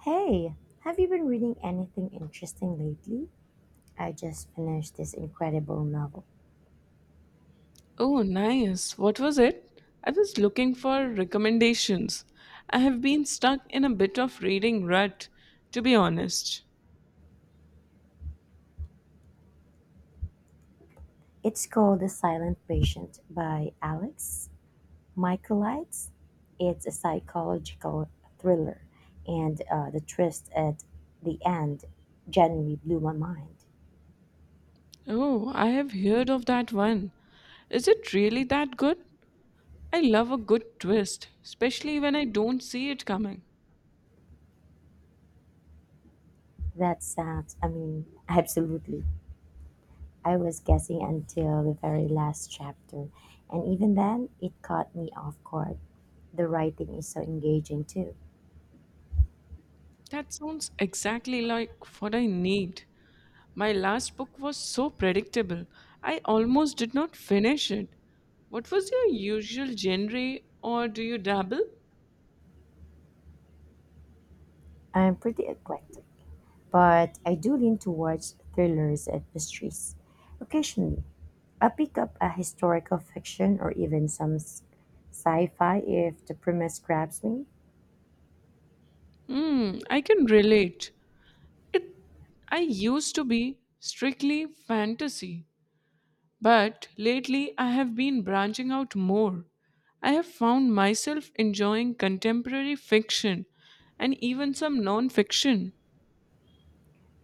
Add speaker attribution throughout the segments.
Speaker 1: Hey, have you been reading anything interesting lately? I just finished this incredible novel.
Speaker 2: Oh, nice. What was it? I was looking for recommendations. I have been stuck in a bit of reading rut, to be honest.
Speaker 1: It's called The Silent Patient by Alex Michaelides. It's a psychological thriller, and the twist at the end genuinely blew my mind.
Speaker 2: Oh, I have heard of that one. Is it really that good? I love a good twist, especially when I don't see it coming.
Speaker 1: That sounds, I mean, absolutely. I was guessing until the very last chapter, and even then, it caught me off guard. The writing is so engaging, too.
Speaker 2: That sounds exactly like what I need. My last book was so predictable, I almost did not finish it. What was your usual genre, or do you dabble?
Speaker 1: I'm pretty eclectic, but I do lean towards thrillers and mysteries. Occasionally, I pick up a historical fiction or even some sci-fi if the premise grabs me.
Speaker 2: Hmm, I can relate. It I used to be strictly fantasy, but lately I have been branching out more. I have found myself enjoying contemporary fiction and even some non-fiction.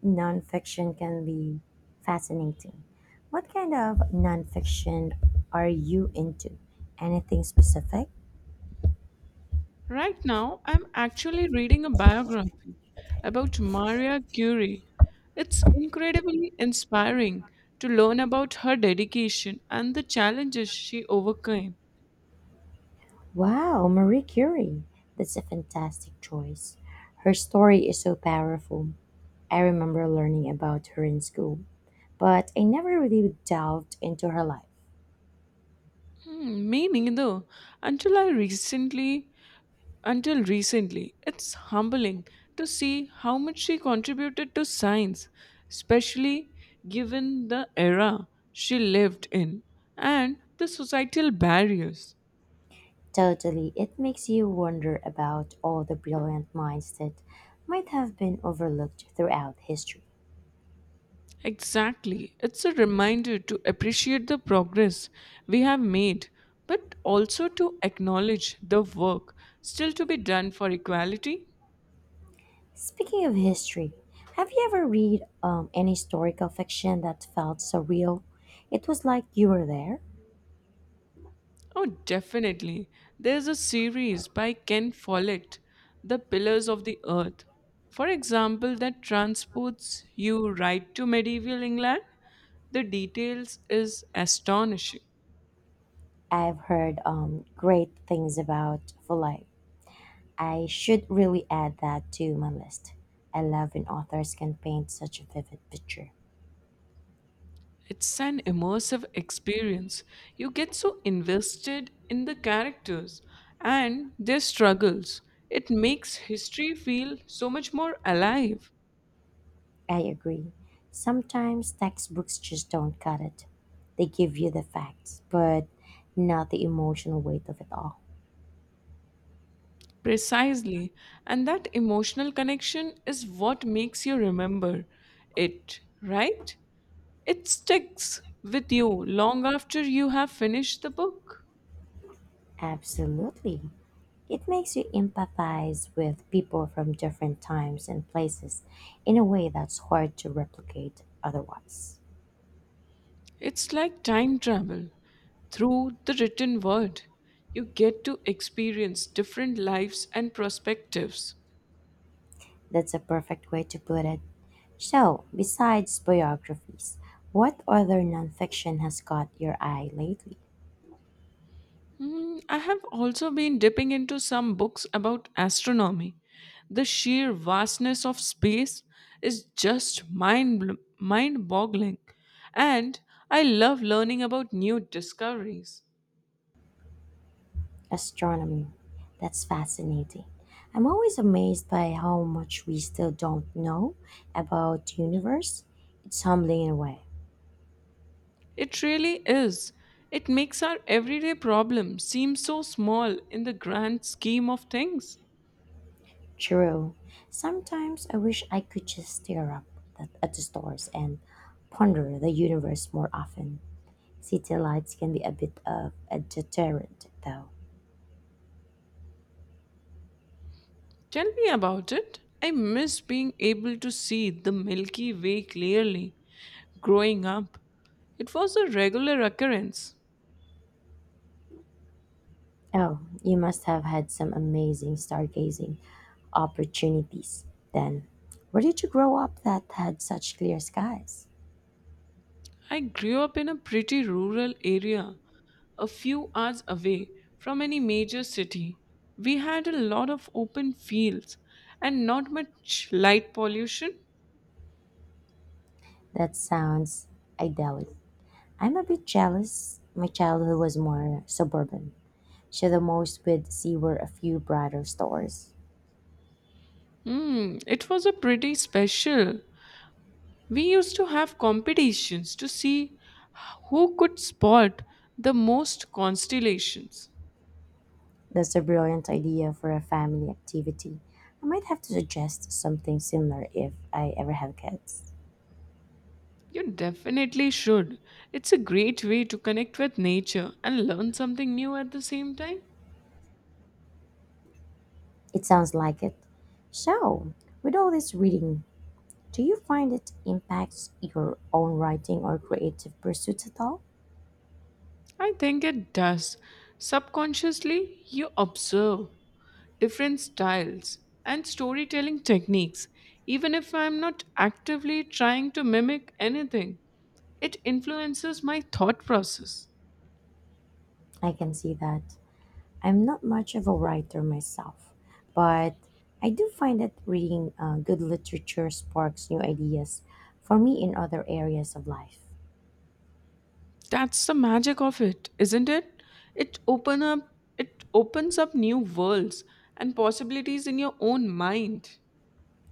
Speaker 1: Nonfiction can be fascinating. What kind of nonfiction are you into? Anything specific?
Speaker 2: Right now, I'm actually reading a biography about Maria Curie. It's incredibly inspiring to learn about her dedication and the challenges she overcame.
Speaker 1: Wow, Marie Curie. That's a fantastic choice. Her story is so powerful. I remember learning about her in school but I never really delved into her life.
Speaker 2: Hmm, me neither. Until I recently, until recently, it's humbling to see how much she contributed to science, especially given the era she lived in and the societal barriers.
Speaker 1: Totally, it makes you wonder about all the brilliant minds that might have been overlooked throughout history.
Speaker 2: Exactly. It's a reminder to appreciate the progress we have made, but also to acknowledge the work still to be done for equality.
Speaker 1: Speaking of history, have you ever read any historical fiction that felt so real? It was like you were there.
Speaker 2: Oh, definitely. There's a series by Ken Follett, The Pillars of the Earth, for example, that transports you right to medieval England. The details is astonishing.
Speaker 1: I've heard great things about Foley. I should really add that to my list. I love when authors can paint such a vivid picture.
Speaker 2: It's an immersive experience. You get so invested in the characters and their struggles. It makes history feel so much more alive.
Speaker 1: I agree. Sometimes textbooks just don't cut it. They give you the facts, but not the emotional weight of it all.
Speaker 2: Precisely. And that emotional connection is what makes you remember it, right? It sticks with you long after you have finished the book.
Speaker 1: Absolutely. It makes you empathize with people from different times and places in a way that's hard to replicate otherwise.
Speaker 2: It's like time travel through the written word. You get to experience different lives and perspectives.
Speaker 1: That's a perfect way to put it. So, besides biographies, what other nonfiction has caught your eye lately?
Speaker 2: Mm, I have also been dipping into some books about astronomy. The sheer vastness of space is just mind boggling, and I love learning about new discoveries.
Speaker 1: Astronomy. That's fascinating. I'm always amazed by how much we still don't know about the universe. It's humbling in a way.
Speaker 2: It really is. It makes our everyday problems seem so small in the grand scheme of things.
Speaker 1: True. Sometimes I wish I could just stare up at the stars and ponder the universe more often. City lights can be a bit of a deterrent, though.
Speaker 2: Tell me about it. I miss being able to see the Milky Way clearly. Growing up, it was a regular occurrence.
Speaker 1: Oh, you must have had some amazing stargazing opportunities then. Where did you grow up that had such clear skies?
Speaker 2: I grew up in a pretty rural area, a few hours away from any major city. We had a lot of open fields and not much light pollution.
Speaker 1: That sounds idyllic. I'm a bit jealous. My childhood was more suburban. So the most we'd see were a few brighter stores.
Speaker 2: Hmm, it was a pretty special. We used to have competitions to see who could spot the most constellations.
Speaker 1: That's a brilliant idea for a family activity. I might have to suggest something similar if I ever have kids.
Speaker 2: You definitely should. It's a great way to connect with nature and learn something new at the same time.
Speaker 1: It sounds like it. So, with all this reading, do you find it impacts your own writing or creative pursuits at all?
Speaker 2: I think it does. Subconsciously, you observe different styles and storytelling techniques, even if I'm not actively trying to mimic anything. It influences my thought process.
Speaker 1: I can see that. I'm not much of a writer myself, but I do find that reading good literature sparks new ideas for me in other areas of life.
Speaker 2: That's the magic of it, isn't it? It open up It opens up new worlds and possibilities in your own mind.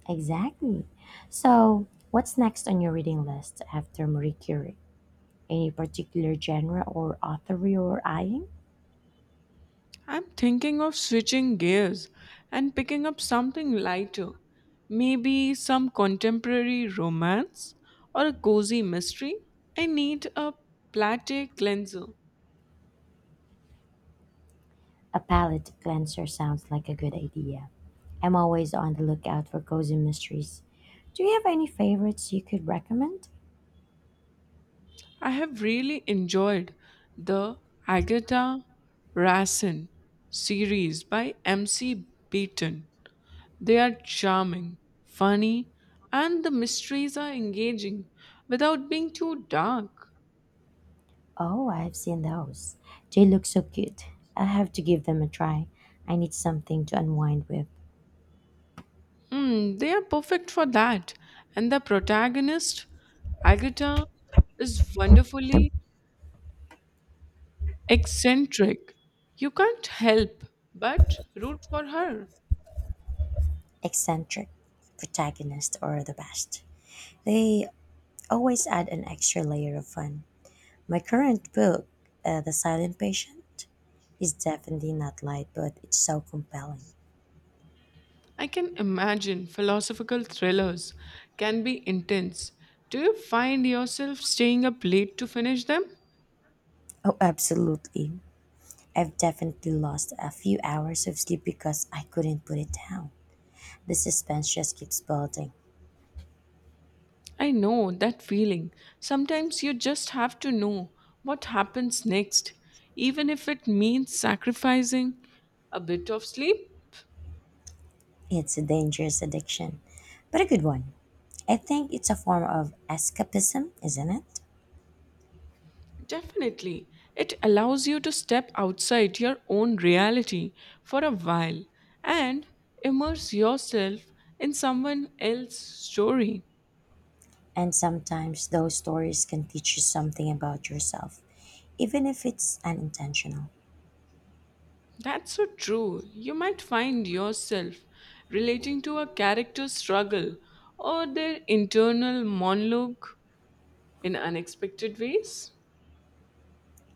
Speaker 1: Exactly. So, what's next on your reading list after Marie Curie? Any particular genre or author you're eyeing?
Speaker 2: I'm thinking of switching gears and picking up something lighter. Maybe some contemporary romance or a cozy mystery. I need a plate cleanser.
Speaker 1: A palette cleanser sounds like a good idea. I'm always on the lookout for cozy mysteries. Do you have any favorites you could recommend?
Speaker 2: I have really enjoyed the Agatha Rassen series by MC Beaton. They are charming, funny, and the mysteries are engaging without being too dark.
Speaker 1: Oh, I've seen those. They look so cute. I have to give them a try. I need something to unwind with.
Speaker 2: Mm, they are perfect for that. And the protagonist, Agatha, is wonderfully eccentric. You can't help but root for her.
Speaker 1: Eccentric, protagonist, or the best. They always add an extra layer of fun. My current book, The Silent Patient, is definitely not light, but it's so compelling.
Speaker 2: I can imagine philosophical thrillers can be intense. Do you find yourself staying up late to finish them?
Speaker 1: Oh, absolutely. I've definitely lost a few hours of sleep because I couldn't put it down. The suspense just keeps building.
Speaker 2: I know that feeling. Sometimes you just have to know what happens next, even if it means sacrificing a bit of sleep.
Speaker 1: It's a dangerous addiction, but a good one. I think it's a form of escapism, isn't it?
Speaker 2: Definitely. It allows you to step outside your own reality for a while and immerse yourself in someone else's story.
Speaker 1: And sometimes those stories can teach you something about yourself, even if it's unintentional.
Speaker 2: That's so true. You might find yourself relating to a character's struggle or their internal monologue in unexpected ways.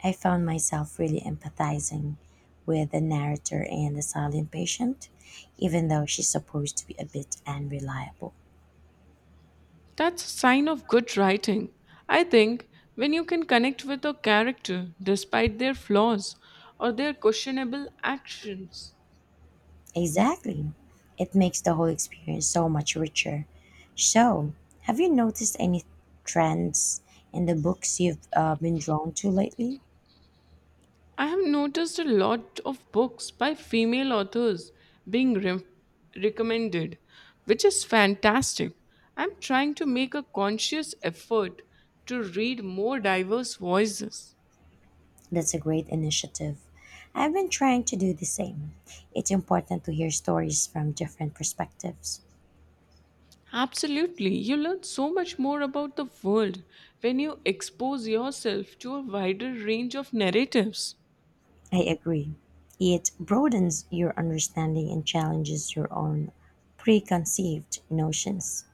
Speaker 1: I found myself really empathizing with the narrator and the silent patient, even though she's supposed to be a bit unreliable.
Speaker 2: That's a sign of good writing. I think when you can connect with a character despite their flaws or their questionable actions.
Speaker 1: Exactly. It makes the whole experience so much richer. So, have you noticed any trends in the books you've been drawn to lately?
Speaker 2: I have noticed a lot of books by female authors being recommended, which is fantastic. I'm trying to make a conscious effort to read more diverse voices.
Speaker 1: That's a great initiative. I've been trying to do the same. It's important to hear stories from different perspectives.
Speaker 2: Absolutely. You learn so much more about the world when you expose yourself to a wider range of narratives.
Speaker 1: I agree. It broadens your understanding and challenges your own preconceived notions.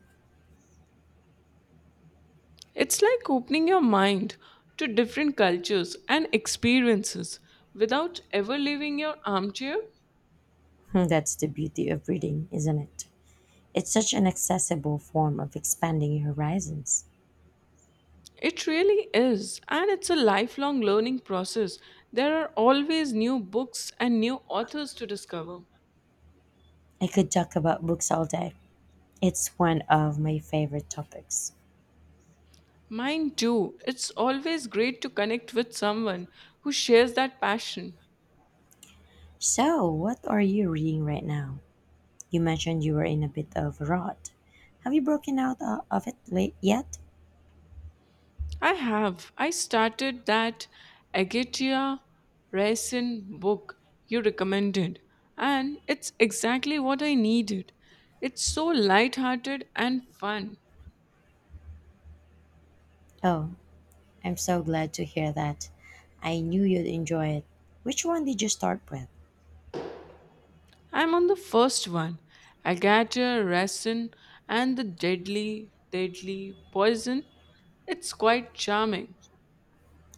Speaker 2: It's like opening your mind to different cultures and experiences without ever leaving your armchair.
Speaker 1: That's the beauty of reading, isn't it? It's such an accessible form of expanding your horizons.
Speaker 2: It really is, and it's a lifelong learning process. There are always new books and new authors to discover.
Speaker 1: I could talk about books all day. It's one of my favorite topics.
Speaker 2: Mine too. It's always great to connect with someone who shares that passion.
Speaker 1: So, what are you reading right now? You mentioned you were in a bit of a rut. Have you broken out of it late yet?
Speaker 2: I have. I started that Agatia Raisin book you recommended, and it's exactly what I needed. It's so light-hearted and fun.
Speaker 1: Oh, I'm so glad to hear that. I knew you'd enjoy it. Which one did you start with?
Speaker 2: I'm on the first one, Agatha Raisin and the Deadly, Deadly Poison. It's quite charming.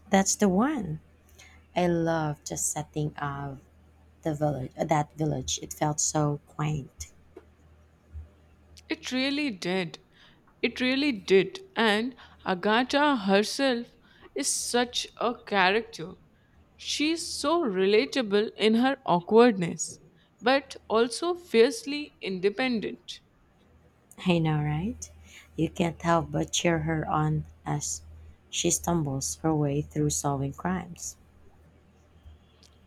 Speaker 1: That's the one. I loved the setting of that village. It felt so quaint.
Speaker 2: It really did. It really did. And Agatha herself is such a character. She's so relatable in her awkwardness, but also fiercely independent.
Speaker 1: I know, right? You can't help but cheer her on as she stumbles her way through solving crimes.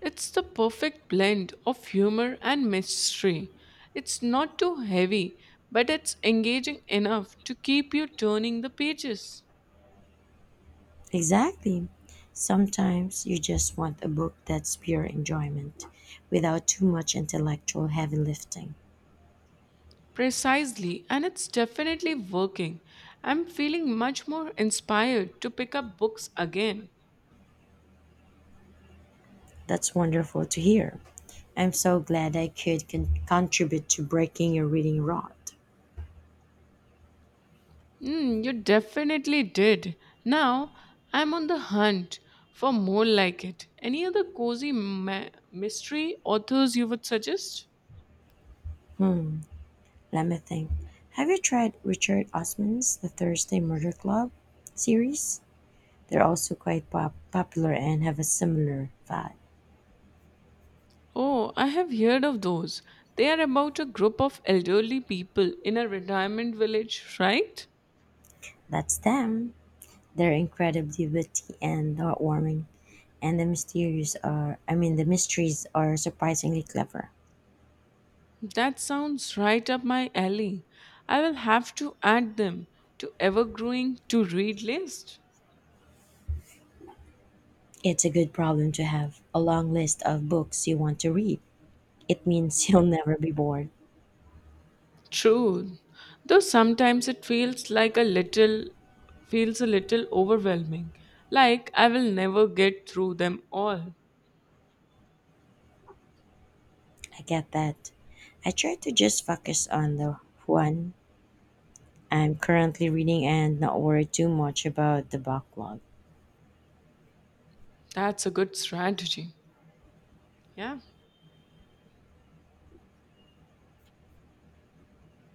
Speaker 2: It's the perfect blend of humor and mystery. It's not too heavy, but it's engaging enough to keep you turning the pages.
Speaker 1: Exactly. Sometimes you just want a book that's pure enjoyment without too much intellectual heavy lifting.
Speaker 2: Precisely, and it's definitely working. I'm feeling much more inspired to pick up books again.
Speaker 1: That's wonderful to hear. I'm so glad I could contribute to breaking your reading rot.
Speaker 2: Hmm, you definitely did. Now I'm on the hunt for more like it. Any other cozy mystery authors you would suggest?
Speaker 1: Let me think. Have you tried Richard Osman's The Thursday Murder Club series? They're also quite popular and have a similar vibe.
Speaker 2: Oh, I have heard of those. They are about a group of elderly people in a retirement village, right?
Speaker 1: That's them. They're incredibly witty and heartwarming, and the mysteries are I mean the mysteries are surprisingly clever.
Speaker 2: That sounds right up my alley. I will have to add them to ever growing to read list.
Speaker 1: It's a good problem to have a long list of books you want to read. It means you'll never be bored.
Speaker 2: True, though sometimes it feels like a little feels a little overwhelming, like I will never get through them all.
Speaker 1: I get that. I try to just focus on the one I'm currently reading and not worry too much about the backlog.
Speaker 2: That's a good strategy. Yeah.